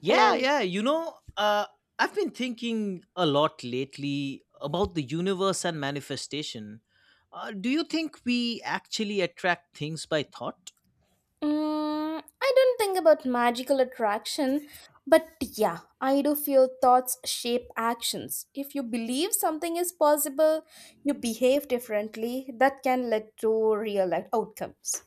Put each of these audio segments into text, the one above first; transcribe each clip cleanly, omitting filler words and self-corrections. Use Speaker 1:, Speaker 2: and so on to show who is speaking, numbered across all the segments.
Speaker 1: Yeah,
Speaker 2: Hello.
Speaker 1: yeah. I've been thinking a lot lately about the universe and manifestation. Do you think we actually attract things by thought?
Speaker 2: Mm, I don't think about magical attraction, but yeah, I do feel thoughts shape actions. If you believe something is possible, you behave differently. That can lead to real life outcomes.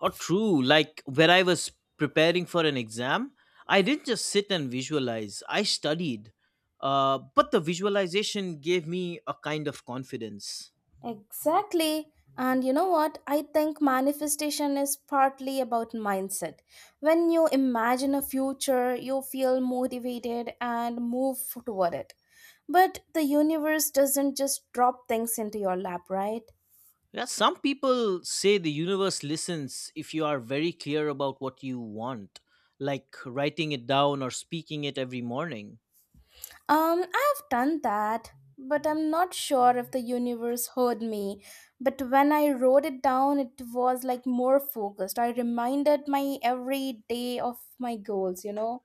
Speaker 1: Or true, like when I was preparing for an exam, I didn't just sit and visualize, I studied. But the visualization gave me a kind of confidence.
Speaker 2: Exactly. And you know what? I think manifestation is partly about mindset. When you imagine a future, you feel motivated and move toward it. But the universe doesn't just drop things into your lap, right?
Speaker 1: Yeah, some people say the universe listens if you are very clear about what you want, like writing it down or speaking it every morning.
Speaker 2: I've done that, but I'm not sure if the universe heard me. But when I wrote it down, it was like more focused. I reminded my every day of my goals?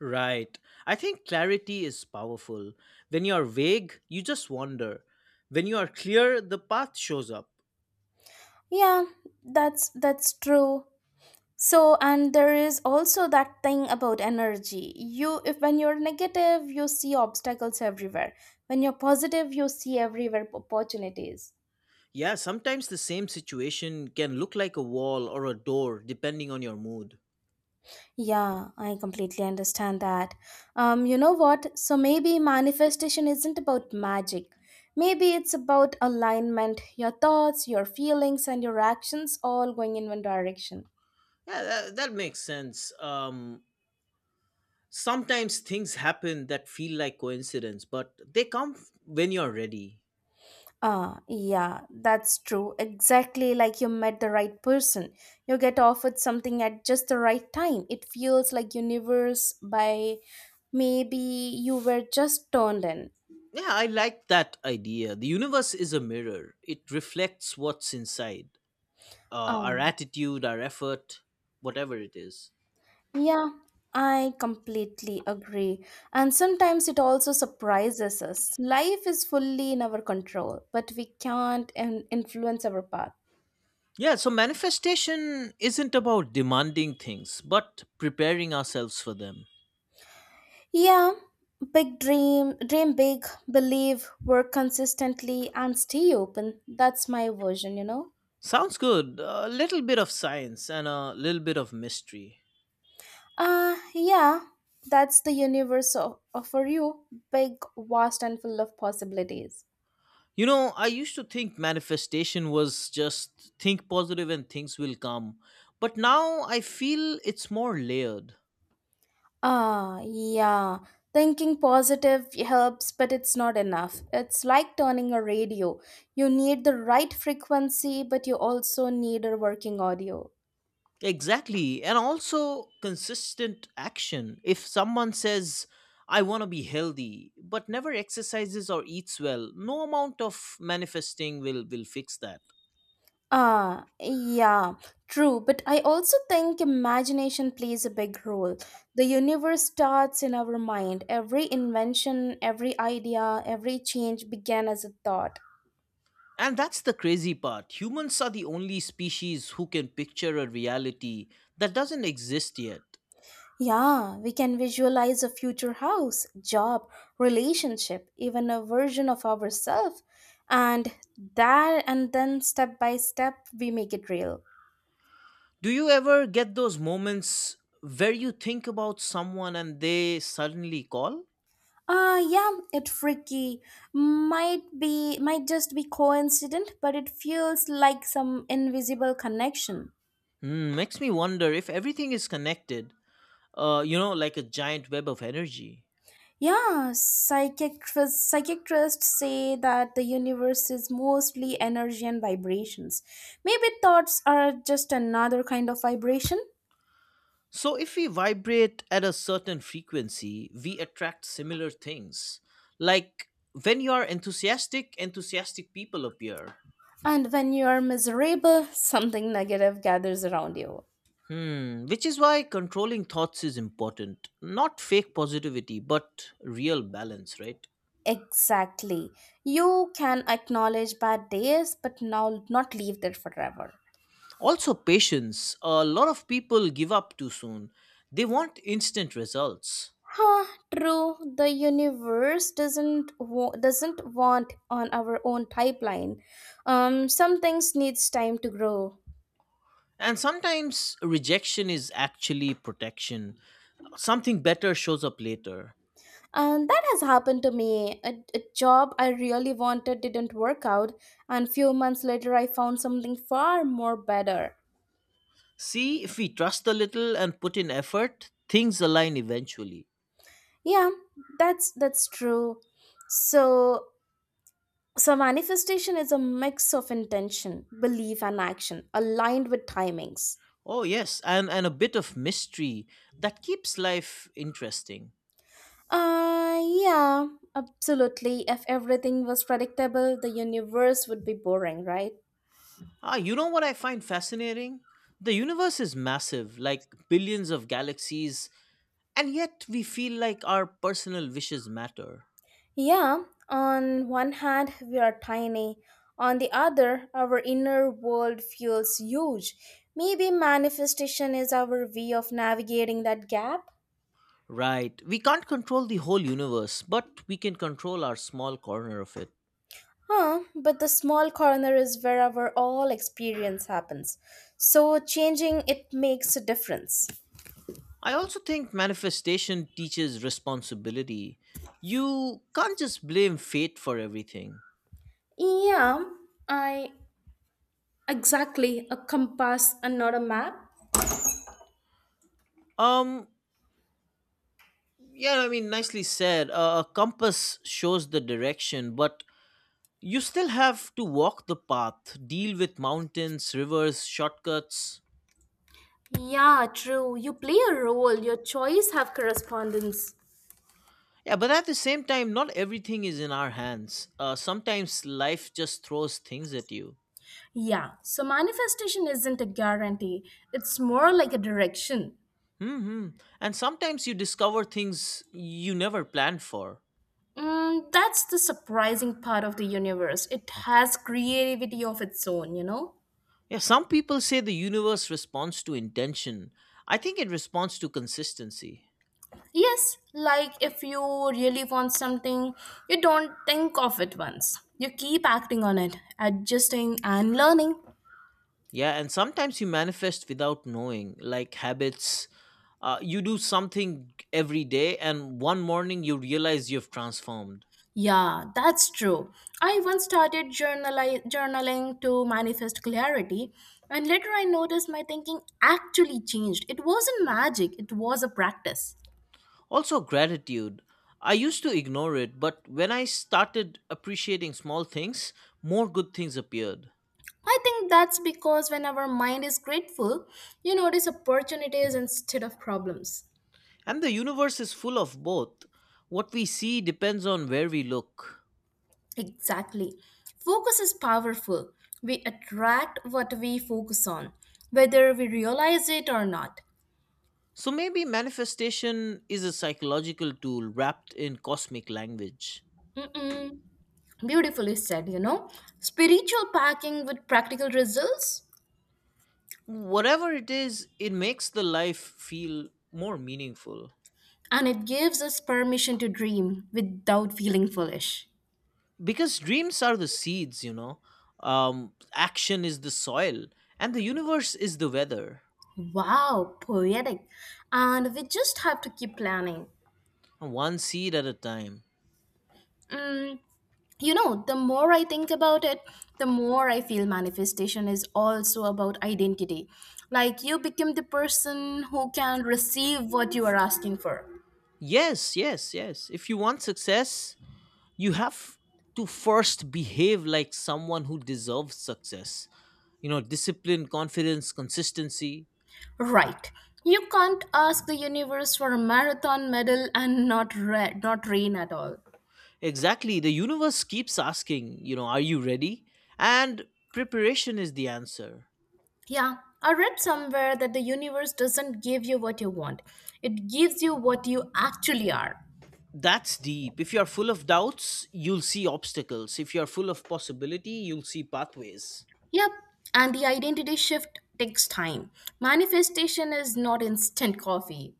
Speaker 1: Right. I think clarity is powerful. When you are vague, you just wander. When you are clear, the path shows up.
Speaker 2: Yeah, that's true. So and there is also that thing about energy. You if when you're negative, you see obstacles everywhere. When you're positive, you see everywhere opportunities.
Speaker 1: Yeah, sometimes the same situation can look like a wall or a door depending on your mood.
Speaker 2: Yeah, I completely understand that. You know what? So maybe manifestation isn't about magic. Maybe it's about alignment, your thoughts, your feelings, and your actions all going in one direction.
Speaker 1: Yeah, that makes sense. Sometimes things happen that feel like coincidence, but they when you're ready.
Speaker 2: Yeah, that's true. Exactly like you met the right person. You get offered something at just the right time. It feels like universe by maybe you were just turned in.
Speaker 1: Yeah, I like that idea. The universe is a mirror, it reflects what's inside uh, our
Speaker 2: Um,
Speaker 1: attitude, our effort, whatever it is.
Speaker 2: yeah, I completely agree. And sometimes it also surprises us. Life is fully in our control, but we can't influence our path.
Speaker 1: Yeah, so manifestation isn't about demanding things, but preparing ourselves for them.
Speaker 2: Yeah, big dream, dream big, believe, work consistently, and stay open. That's my version.
Speaker 1: Sounds good. A little bit of science and a little bit of mystery.
Speaker 2: Yeah, that's the universe of, for you, big, vast, and full of possibilities.
Speaker 1: You know, I used to think manifestation was just think positive and things will come. But now I feel it's more layered.
Speaker 2: Yeah. Thinking positive helps, but it's not enough. It's like turning a radio. You need the right frequency, but you also need a working audio.
Speaker 1: Exactly. And also consistent action. If someone says, I want to be healthy, but never exercises or eats well, no amount of manifesting will fix that.
Speaker 2: Yeah, true. But I also think imagination plays a big role. The universe starts in our mind. Every invention, every idea, every change began as a thought.
Speaker 1: And that's the crazy part. Humans are the only species who can picture a reality that doesn't exist yet.
Speaker 2: Yeah, we can visualize a future house, job, relationship, even a version of ourselves. And that, and then step by step, we make it real.
Speaker 1: Do you ever get those moments where you think about someone and they suddenly call?
Speaker 2: Yeah, it freaky. Might be might just be coincident, but it feels like some invisible connection.
Speaker 1: Hmm, makes me wonder if everything is connected, like a giant web of energy.
Speaker 2: Yeah, psychiatrists say that the universe is mostly energy and vibrations. Maybe thoughts are just another kind of vibration.
Speaker 1: So, if we vibrate at a certain frequency, we attract similar things. Like when you are enthusiastic, enthusiastic people appear.
Speaker 2: And when you are miserable, something negative gathers around you.
Speaker 1: Hmm, which is why controlling thoughts is important. Not fake positivity, but real balance, right?
Speaker 2: Exactly. You can acknowledge bad days, but now not leave there forever.
Speaker 1: Also, patience. A lot of people give up too soon, they want instant results.
Speaker 2: Huh, true. The universe doesn't want on our own pipeline. Some things needs time to grow,
Speaker 1: And sometimes rejection is actually protection. Something better shows up later.
Speaker 2: and that has happened to me. A job I really wanted didn't work out, and few months later I found something far more better.
Speaker 1: See, if we trust a little and put in effort, things align eventually.
Speaker 2: Yeah, that's true. So. So manifestation is a mix of intention, belief and action aligned with timings.
Speaker 1: Oh, yes, and a bit of mystery that keeps life interesting.
Speaker 2: Yeah, absolutely. If everything was predictable, the universe would be boring, right?
Speaker 1: Ah, you know what I find fascinating? The universe is massive, like billions of galaxies, and yet we feel like our personal wishes matter.
Speaker 2: Yeah, on one hand, we are tiny. On the other, our inner world feels huge. Maybe manifestation is our way of navigating that gap?
Speaker 1: Right, we can't control the whole universe, but we can control our small corner of it.
Speaker 2: Huh, but the small corner is where our all experience happens. So changing it makes a difference.
Speaker 1: I also think manifestation teaches responsibility. You can't just blame fate for everything.
Speaker 2: Yeah, I exactly a compass and not a map.
Speaker 1: Um, yeah, I mean, nicely said. A compass shows the direction, but you still have to walk the path, deal with mountains, rivers, shortcuts.
Speaker 2: Yeah, true. You play a role, your choice have correspondence.
Speaker 1: Yeah, but at the same time, not everything is in our hands. Sometimes life just throws things at you.
Speaker 2: Yeah, so manifestation isn't a guarantee, it's more like a direction.
Speaker 1: Hmm. And sometimes you discover things you never planned for.
Speaker 2: Mm, that's the surprising part of the universe. It has creativity of its own?
Speaker 1: Yeah, some people say the universe responds to intention. I think it responds to consistency.
Speaker 2: Yes, like if you really want something, you don't think of it once. You keep acting on it, adjusting and learning.
Speaker 1: Yeah, and sometimes you manifest without knowing, like habits. You do something every day, and one morning you realize you've transformed.
Speaker 2: Yeah, that's true. I once started journaling to manifest clarity, and later I noticed my thinking actually changed. It wasn't magic, it was a practice.
Speaker 1: Also, gratitude. I used to ignore it, but when I started appreciating small things, more good things appeared.
Speaker 2: I think that's because when our mind is grateful, you notice opportunities instead of problems.
Speaker 1: And the universe is full of both. What we see depends on where we look.
Speaker 2: Exactly. Focus is powerful. We attract what we focus on, whether we realize it or not.
Speaker 1: So maybe manifestation is a psychological tool wrapped in cosmic language.
Speaker 2: Mm-mm. Beautifully said. Spiritual packing with practical results,
Speaker 1: Whatever it is, it makes the life feel more meaningful.
Speaker 2: and it gives us permission to dream without feeling foolish.
Speaker 1: Because dreams are the seeds, action is the soil, and the universe is the weather,
Speaker 2: Wow, poetic. And we just have to keep planning.
Speaker 1: one seed at a time.
Speaker 2: Mm, you know, the more I think about it, the more I feel manifestation is also about identity. Like you become the person who can receive what you are asking for.
Speaker 1: Yes, yes, yes. If you want success, you have to first behave like someone who deserves success. You know, discipline, confidence, consistency.
Speaker 2: Right. You can't ask the universe for a marathon medal and not rain at all.
Speaker 1: Exactly. The universe keeps asking, you know, are you ready? And preparation is the answer.
Speaker 2: Yeah, I read somewhere that the universe doesn't give you what you want. It gives you what you actually are.
Speaker 1: That's deep. If you are full of doubts, you'll see obstacles. If you are full of possibility, you'll see pathways.
Speaker 2: Yep, and the identity shift takes time. Manifestation is not instant coffee.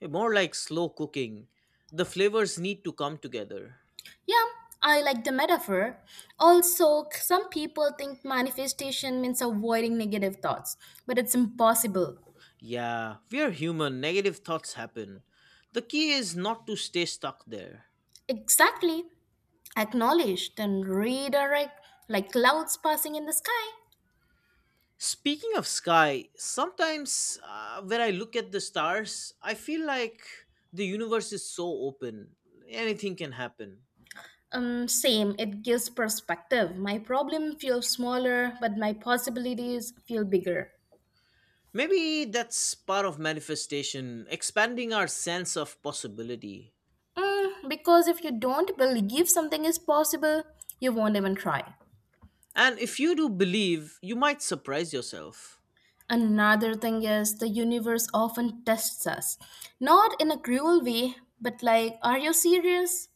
Speaker 1: Eh, more like slow cooking. The flavors need to come together.
Speaker 2: Yeah, I like the metaphor. Also, some people think manifestation means avoiding negative thoughts, but it's impossible.
Speaker 1: Yeah, we are human. Negative thoughts happen. The key is not to stay stuck there.
Speaker 2: Exactly. Acknowledge, then redirect like clouds passing in the sky.
Speaker 1: Speaking of sky, sometimes when I look at the stars, I feel like the universe is so open. Anything can happen.
Speaker 2: Same, it gives perspective. My problem feels smaller, but my possibilities feel bigger.
Speaker 1: Maybe that's part of manifestation, expanding our sense of possibility.
Speaker 2: Mm, because if you don't believe something is possible, you won't even try.
Speaker 1: And if you do believe, you might surprise yourself.
Speaker 2: Another thing is the universe often tests us, not in a cruel way, but like, are you serious?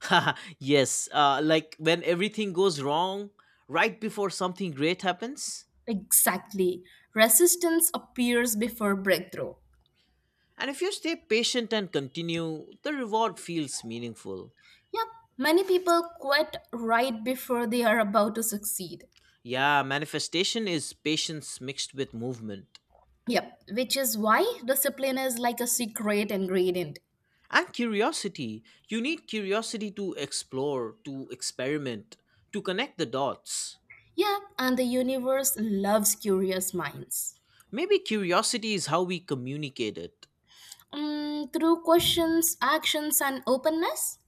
Speaker 1: Yes, like when everything goes wrong, right before something great happens.
Speaker 2: Exactly. Resistance appears before breakthrough.
Speaker 1: And if you stay patient and continue, the reward feels meaningful.
Speaker 2: Yep, many people quit right before they are about to succeed.
Speaker 1: Yeah, manifestation is patience mixed with movement
Speaker 2: Yep, which is why discipline is like a secret ingredient.
Speaker 1: and curiosity. You need curiosity to explore, to experiment, to connect the dots.
Speaker 2: Yep, and the universe loves curious minds.
Speaker 1: Maybe curiosity is how we communicate it.
Speaker 2: Mm, through questions, actions, and openness?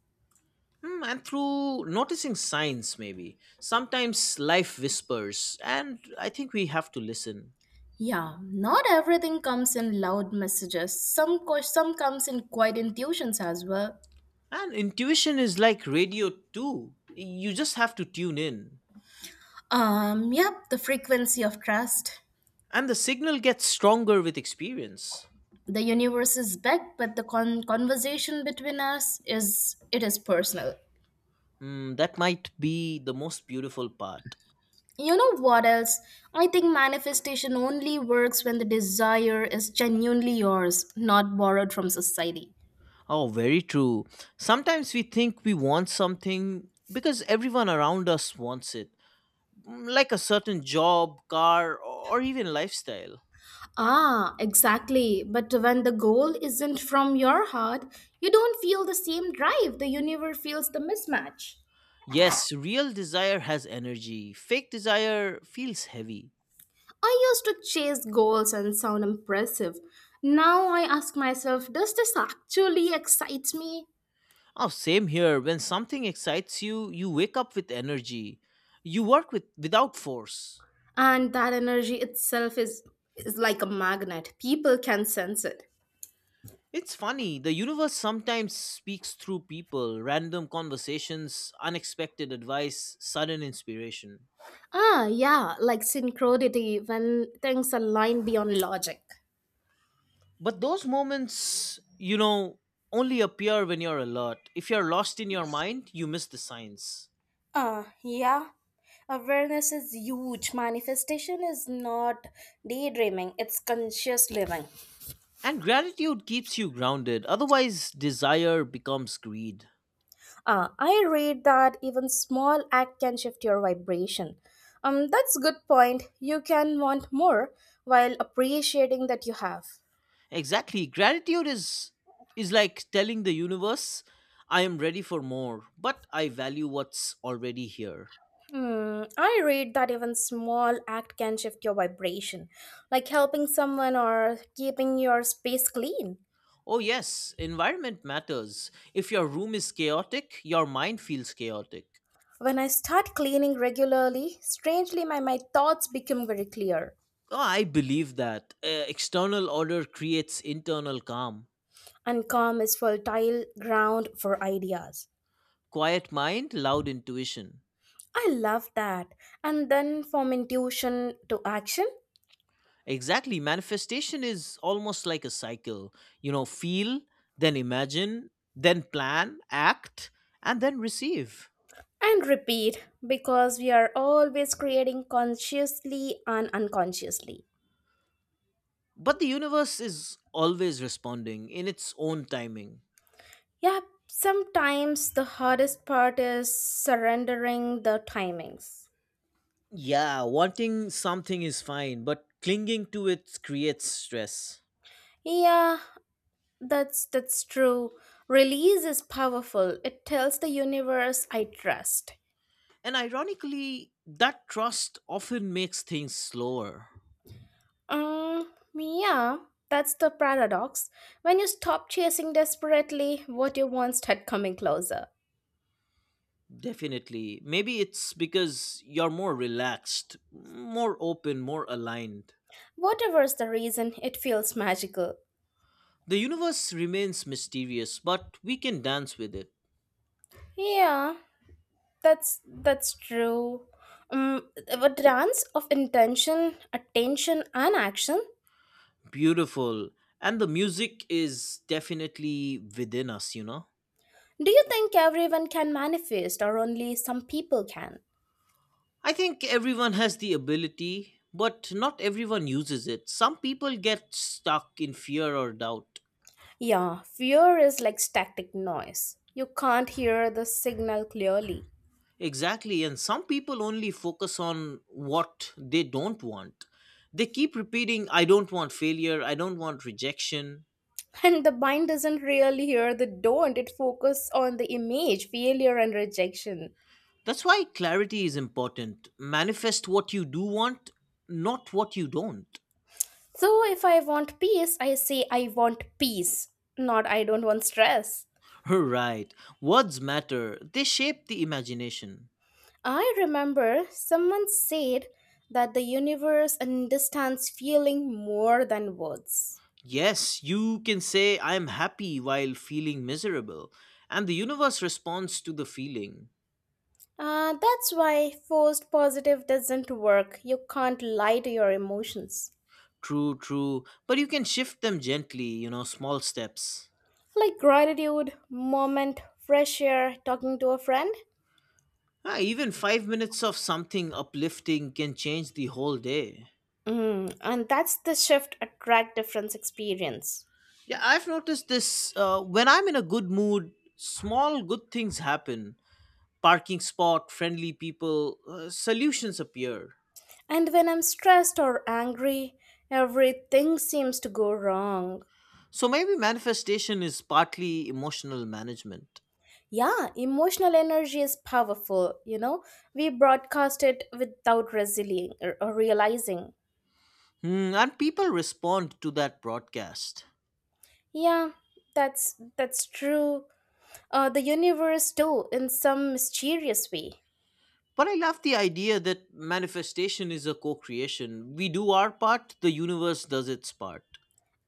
Speaker 1: Hmm, and through noticing signs, maybe. Sometimes life whispers, and I think we have to listen.
Speaker 2: Yeah, not everything comes in loud messages. Some comes in quiet intuitions as well.
Speaker 1: And intuition is like radio, too. You just have to tune in.
Speaker 2: Yep, the frequency of trust.
Speaker 1: And the signal gets stronger with experience.
Speaker 2: The universe is big but the conversation between us is it is personal.
Speaker 1: Hmm, that might be the most beautiful part.
Speaker 2: You know what else? I think manifestation only works when the desire is genuinely yours, not borrowed from society.
Speaker 1: Oh, very true. Sometimes we think we want something because everyone around us wants it. Mm, like a certain job, car, or even lifestyle.
Speaker 2: Ah, exactly, but when the goal isn't from your heart, you don't feel the same drive. The universe feels the mismatch.
Speaker 1: Yes, real desire has energy, fake desire feels heavy.
Speaker 2: I used to chase goals and sound impressive. Now I ask myself, does this actually excite me?
Speaker 1: Oh, same here. When something excites you, you wake up with energy. You work with without force.
Speaker 2: And that energy itself is like a magnet. People can sense it.
Speaker 1: It's funny, the universe sometimes speaks through people, random conversations, unexpected advice, sudden inspiration.
Speaker 2: Yeah, like synchronicity when things align beyond logic.
Speaker 1: But those moments, you know, only appear when you're alert. If you're lost in your mind, you miss the signs.
Speaker 2: Yeah. Awareness is huge. Manifestation is not daydreaming, it's conscious living.
Speaker 1: And gratitude keeps you grounded. Otherwise, desire becomes greed.
Speaker 2: Ah, I read that even small act can shift your vibration. That's a good point. You can want more while appreciating that you have.
Speaker 1: Exactly. Gratitude is like telling the universe, I am ready for more, but I value what's already here.
Speaker 2: Hmm, I read that even small act can shift your vibration, like helping someone or keeping your space clean.
Speaker 1: Oh, yes, environment matters. If your room is chaotic, your mind feels chaotic.
Speaker 2: When I start cleaning regularly, strangely my thoughts become very clear
Speaker 1: Oh, I believe that. External order creates internal calm.
Speaker 2: and calm is fertile ground for ideas.
Speaker 1: Quiet mind, loud intuition.
Speaker 2: I love that. And then from intuition to action
Speaker 1: Exactly. Manifestation is almost like a cycle. You know, feel, then imagine, then plan, act, and then receive.
Speaker 2: and repeat because we are always creating consciously and unconsciously.
Speaker 1: But the universe is always responding in its own timing.
Speaker 2: Yeah, sometimes the hardest part is surrendering the timings.
Speaker 1: Yeah, wanting something is fine, but clinging to it creates stress.
Speaker 2: Yeah, that's true. Release is powerful. It tells the universe I trust.
Speaker 1: And ironically, that trust often makes things slower.
Speaker 2: Yeah, that's the paradox. When you stop chasing desperately, what you want start coming closer.
Speaker 1: Definitely. Maybe it's because you're more relaxed, more open, more aligned.
Speaker 2: Whatever's the reason, it feels magical.
Speaker 1: The universe remains mysterious, but we can dance with it.
Speaker 2: Yeah, that's true. A dance of intention, attention, and action.
Speaker 1: Beautiful. And the music is definitely within us, you know?
Speaker 2: Do you think everyone can manifest or only some people can?
Speaker 1: I think everyone has the ability, but not everyone uses it. Some people get stuck in fear or doubt.
Speaker 2: Yeah, fear is like static noise. You can't hear the signal clearly.
Speaker 1: Exactly, and some people only focus on what they don't want. They keep repeating, I don't want failure, I don't want rejection.
Speaker 2: And the mind doesn't really hear the don't, it focuses on the image, failure, and rejection.
Speaker 1: That's why clarity is important. Manifest what you do want, not what you don't.
Speaker 2: So if I want peace, I say I want peace, not I don't want stress.
Speaker 1: Right. Words matter, they shape the imagination.
Speaker 2: I remember someone said that the universe understands feeling more than words.
Speaker 1: Yes, you can say, I am happy while feeling miserable, and the universe responds to the feeling.
Speaker 2: That's why forced positive doesn't work. You can't lie to your emotions.
Speaker 1: True, true, but you can shift them gently, you know, small steps.
Speaker 2: Like gratitude, moment, fresh air, talking to a friend.
Speaker 1: Ah, even 5 minutes of something uplifting can change the whole day.
Speaker 2: Mm, and that's the shift attract difference experience.
Speaker 1: Yeah, I've noticed this when I'm in a good mood, small good things happen. Parking spot, friendly people, solutions appear.
Speaker 2: And when I'm stressed or angry, everything seems to go wrong.
Speaker 1: So maybe manifestation is partly emotional management.
Speaker 2: Yeah, emotional energy is powerful, We broadcast it without or realizing.
Speaker 1: Hmm, and people respond to that broadcast.
Speaker 2: Yeah, that's true. Uh, the universe too in some mysterious way.
Speaker 1: But I love the idea that manifestation is a co creation. We do our part, the universe does its part.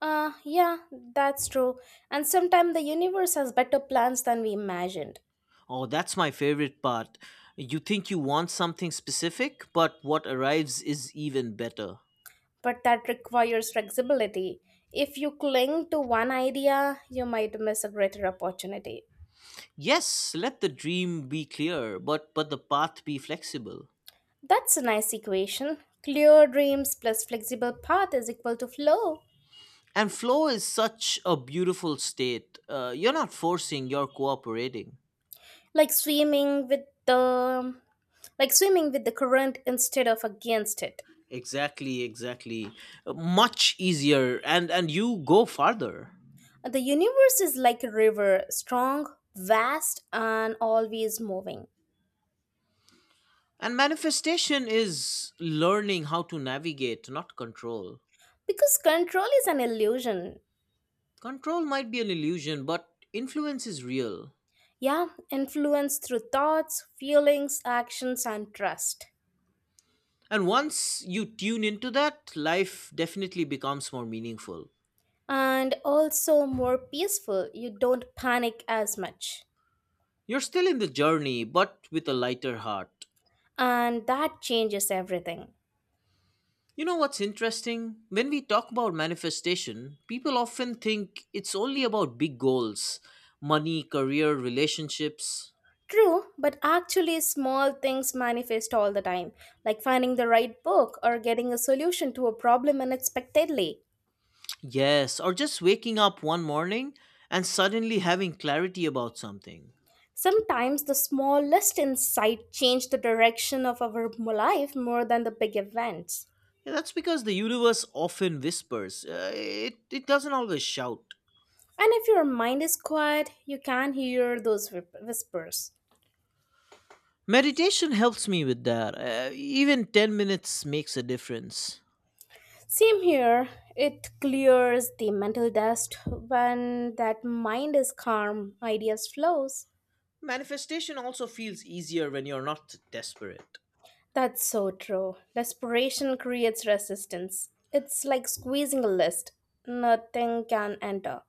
Speaker 2: Yeah, that's true, and sometimes the universe has better plans than we imagined,
Speaker 1: Oh, that's my favorite part. You think you want something specific, but what arrives is even better.
Speaker 2: but that requires flexibility. If you cling to one idea you might miss a greater opportunity.
Speaker 1: Yes, let the dream be clear, but the path be flexible.
Speaker 2: That's a nice equation: clear dreams plus flexible path is equal to flow.
Speaker 1: And flow is such a beautiful state. You're not forcing, you're cooperating.
Speaker 2: like swimming with the like swimming with the current instead of against it.
Speaker 1: Exactly, exactly, much easier and you go farther,
Speaker 2: The universe is like a river, strong, vast, and always moving.
Speaker 1: and manifestation is learning how to navigate, not control.
Speaker 2: Because control is an illusion.
Speaker 1: Control might be an illusion, but influence is real,
Speaker 2: Yeah, influence through thoughts, feelings, actions, and trust.
Speaker 1: and once you tune into that, life definitely becomes more meaningful.
Speaker 2: And also more peaceful, you don't panic as much.
Speaker 1: You're still in the journey, but with a lighter heart.
Speaker 2: And that changes everything.
Speaker 1: You know what's interesting? When we talk about manifestation, people often think it's only about big goals, money, career, relationships.
Speaker 2: True, but actually, small things manifest all the time, like finding the right book or getting a solution to a problem unexpectedly.
Speaker 1: Yes, or just waking up one morning and suddenly having clarity about something.
Speaker 2: Sometimes the smallest insight change the direction of our life more than the big events.
Speaker 1: Yeah, that's because the universe often whispers, it doesn't always shout.
Speaker 2: And if your mind is quiet, you can hear those whispers.
Speaker 1: Meditation helps me with that. Even 10 minutes makes a difference.
Speaker 2: Same here, it clears the mental dust when that mind is calm, ideas flows.
Speaker 1: Manifestation also feels easier when you're not desperate.
Speaker 2: That's so true. Desperation creates resistance. It's like squeezing a list. Nothing can enter.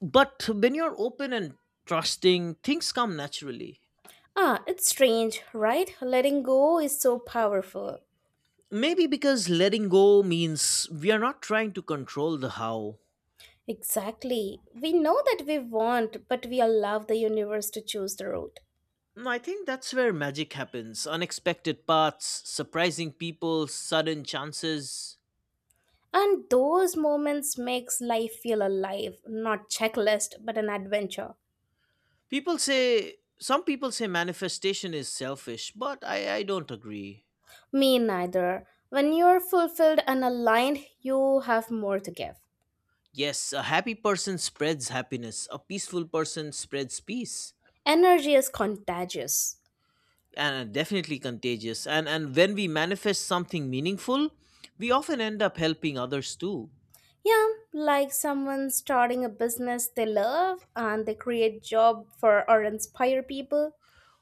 Speaker 1: But when you're open and trusting, things come naturally.
Speaker 2: Ah, it's strange, right? Letting go is so powerful.
Speaker 1: Maybe because letting go means we are not trying to control the how.
Speaker 2: Exactly. We know that we want, but we allow the universe to choose the route.
Speaker 1: Mm, I think that's where magic happens, unexpected paths, surprising people, sudden chances.
Speaker 2: And those moments makes life feel alive, not checklist, but an adventure.
Speaker 1: Some people say manifestation is selfish, but I don't agree.
Speaker 2: Me neither. When you're fulfilled and aligned, you have more to give.
Speaker 1: Yes, a happy person spreads happiness, a peaceful person spreads peace.
Speaker 2: Energy is contagious.
Speaker 1: And definitely contagious, and when we manifest something meaningful, we often end up helping others too,
Speaker 2: Yeah, like someone starting a business they love and they create job for or inspire people.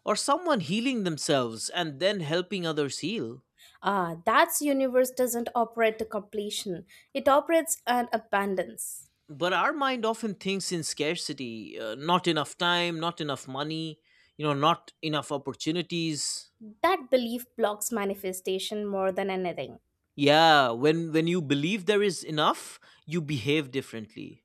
Speaker 1: or someone healing themselves and then helping others heal.
Speaker 2: Ah, that's universe doesn't operate to completion. It operates on abundance.
Speaker 1: But our mind often thinks in scarcity, not enough time, not enough money, you know not enough opportunities.
Speaker 2: That belief blocks manifestation more than anything.
Speaker 1: Yeah, when you believe there is enough, you behave differently,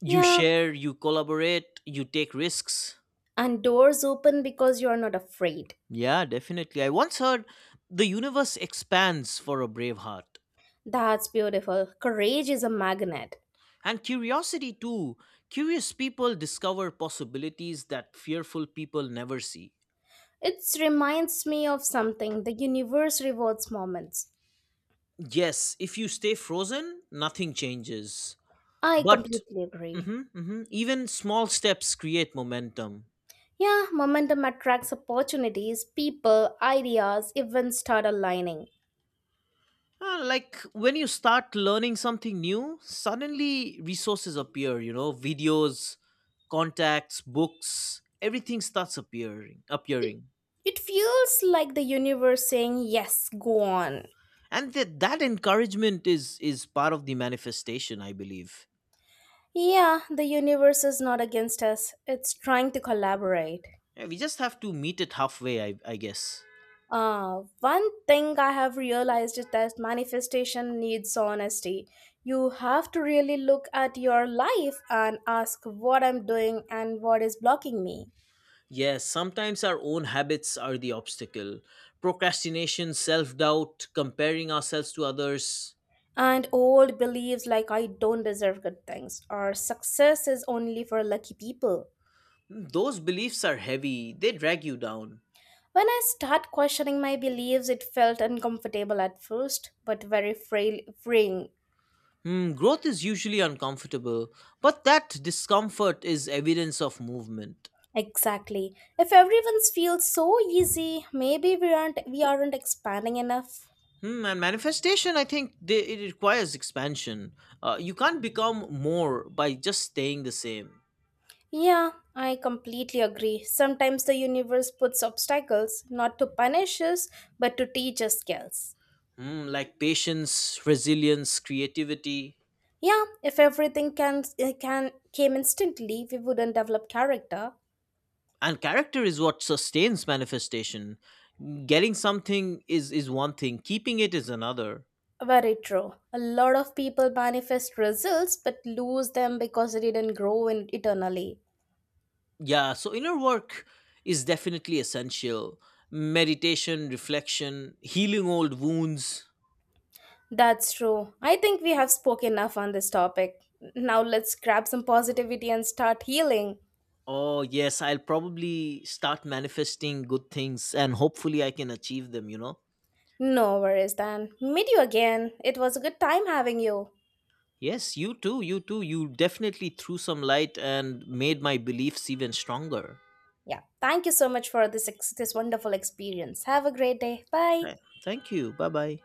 Speaker 1: you
Speaker 2: Yeah,
Speaker 1: share, you collaborate, you take risks.
Speaker 2: and doors open because you're not afraid.
Speaker 1: Yeah, definitely. I once heard the universe expands for a brave heart.
Speaker 2: That's beautiful. Courage is a magnet.
Speaker 1: And curiosity too. Curious people discover possibilities that fearful people never see.
Speaker 2: It reminds me of something. The universe rewards moments.
Speaker 1: Yes, if you stay frozen, nothing changes.
Speaker 2: I
Speaker 1: But
Speaker 2: completely agree.
Speaker 1: mhm, even small steps create momentum.
Speaker 2: Yeah, momentum attracts opportunities, people, ideas, events start aligning.
Speaker 1: Like when you start learning something new, suddenly resources appear, you know, videos, contacts, books, everything starts appearing
Speaker 2: It,
Speaker 1: appearing.
Speaker 2: it feels like the universe saying, yes, go on.
Speaker 1: And that encouragement is part of the manifestation, I believe.
Speaker 2: Yeah, the universe is not against us, it's trying to collaborate.
Speaker 1: Yeah, we just have to meet it halfway, I guess.
Speaker 2: One thing I have realized is that manifestation needs honesty. You have to really look at your life and ask what I'm doing and what is blocking me.
Speaker 1: Yes, sometimes our own habits are the obstacle, procrastination, self-doubt, comparing ourselves to others.
Speaker 2: And old beliefs like I don't deserve good things or success is only for lucky people.
Speaker 1: Hmm, those beliefs are heavy, they drag you down.
Speaker 2: When I start questioning my beliefs, it felt uncomfortable at first, but very frail, freeing.
Speaker 1: Hmm, growth is usually uncomfortable, but that discomfort is evidence of movement.
Speaker 2: Exactly. If everyone's feels so easy, maybe we aren't expanding enough.
Speaker 1: Hmm, and manifestation, it requires expansion. You can't become more by just staying the same.
Speaker 2: Yeah, I completely agree. Sometimes the universe puts obstacles not to punish us, but to teach us skills.
Speaker 1: Hmm, like patience, resilience, creativity,
Speaker 2: Yeah, if everything can came instantly, we wouldn't develop character.
Speaker 1: and character is what sustains manifestation. Getting something is one thing; keeping it is another.
Speaker 2: Very true. A lot of people manifest results but lose them because they didn't grow in eternally.
Speaker 1: Yeah, so inner work is definitely essential. Meditation, reflection, healing old wounds.
Speaker 2: That's true. I think we have spoken enough on this topic. Now let's grab some positivity and start healing.
Speaker 1: Oh, yes, I'll probably start manifesting good things and hopefully I can achieve them, you know.
Speaker 2: No worries then. Meet you again. It was a good time having you.
Speaker 1: Yes, you too, you too. You definitely threw some light and made my beliefs even stronger.
Speaker 2: Yeah. Thank you so much for this wonderful experience. Have a great day. Bye.
Speaker 1: Right. Thank you. Bye bye.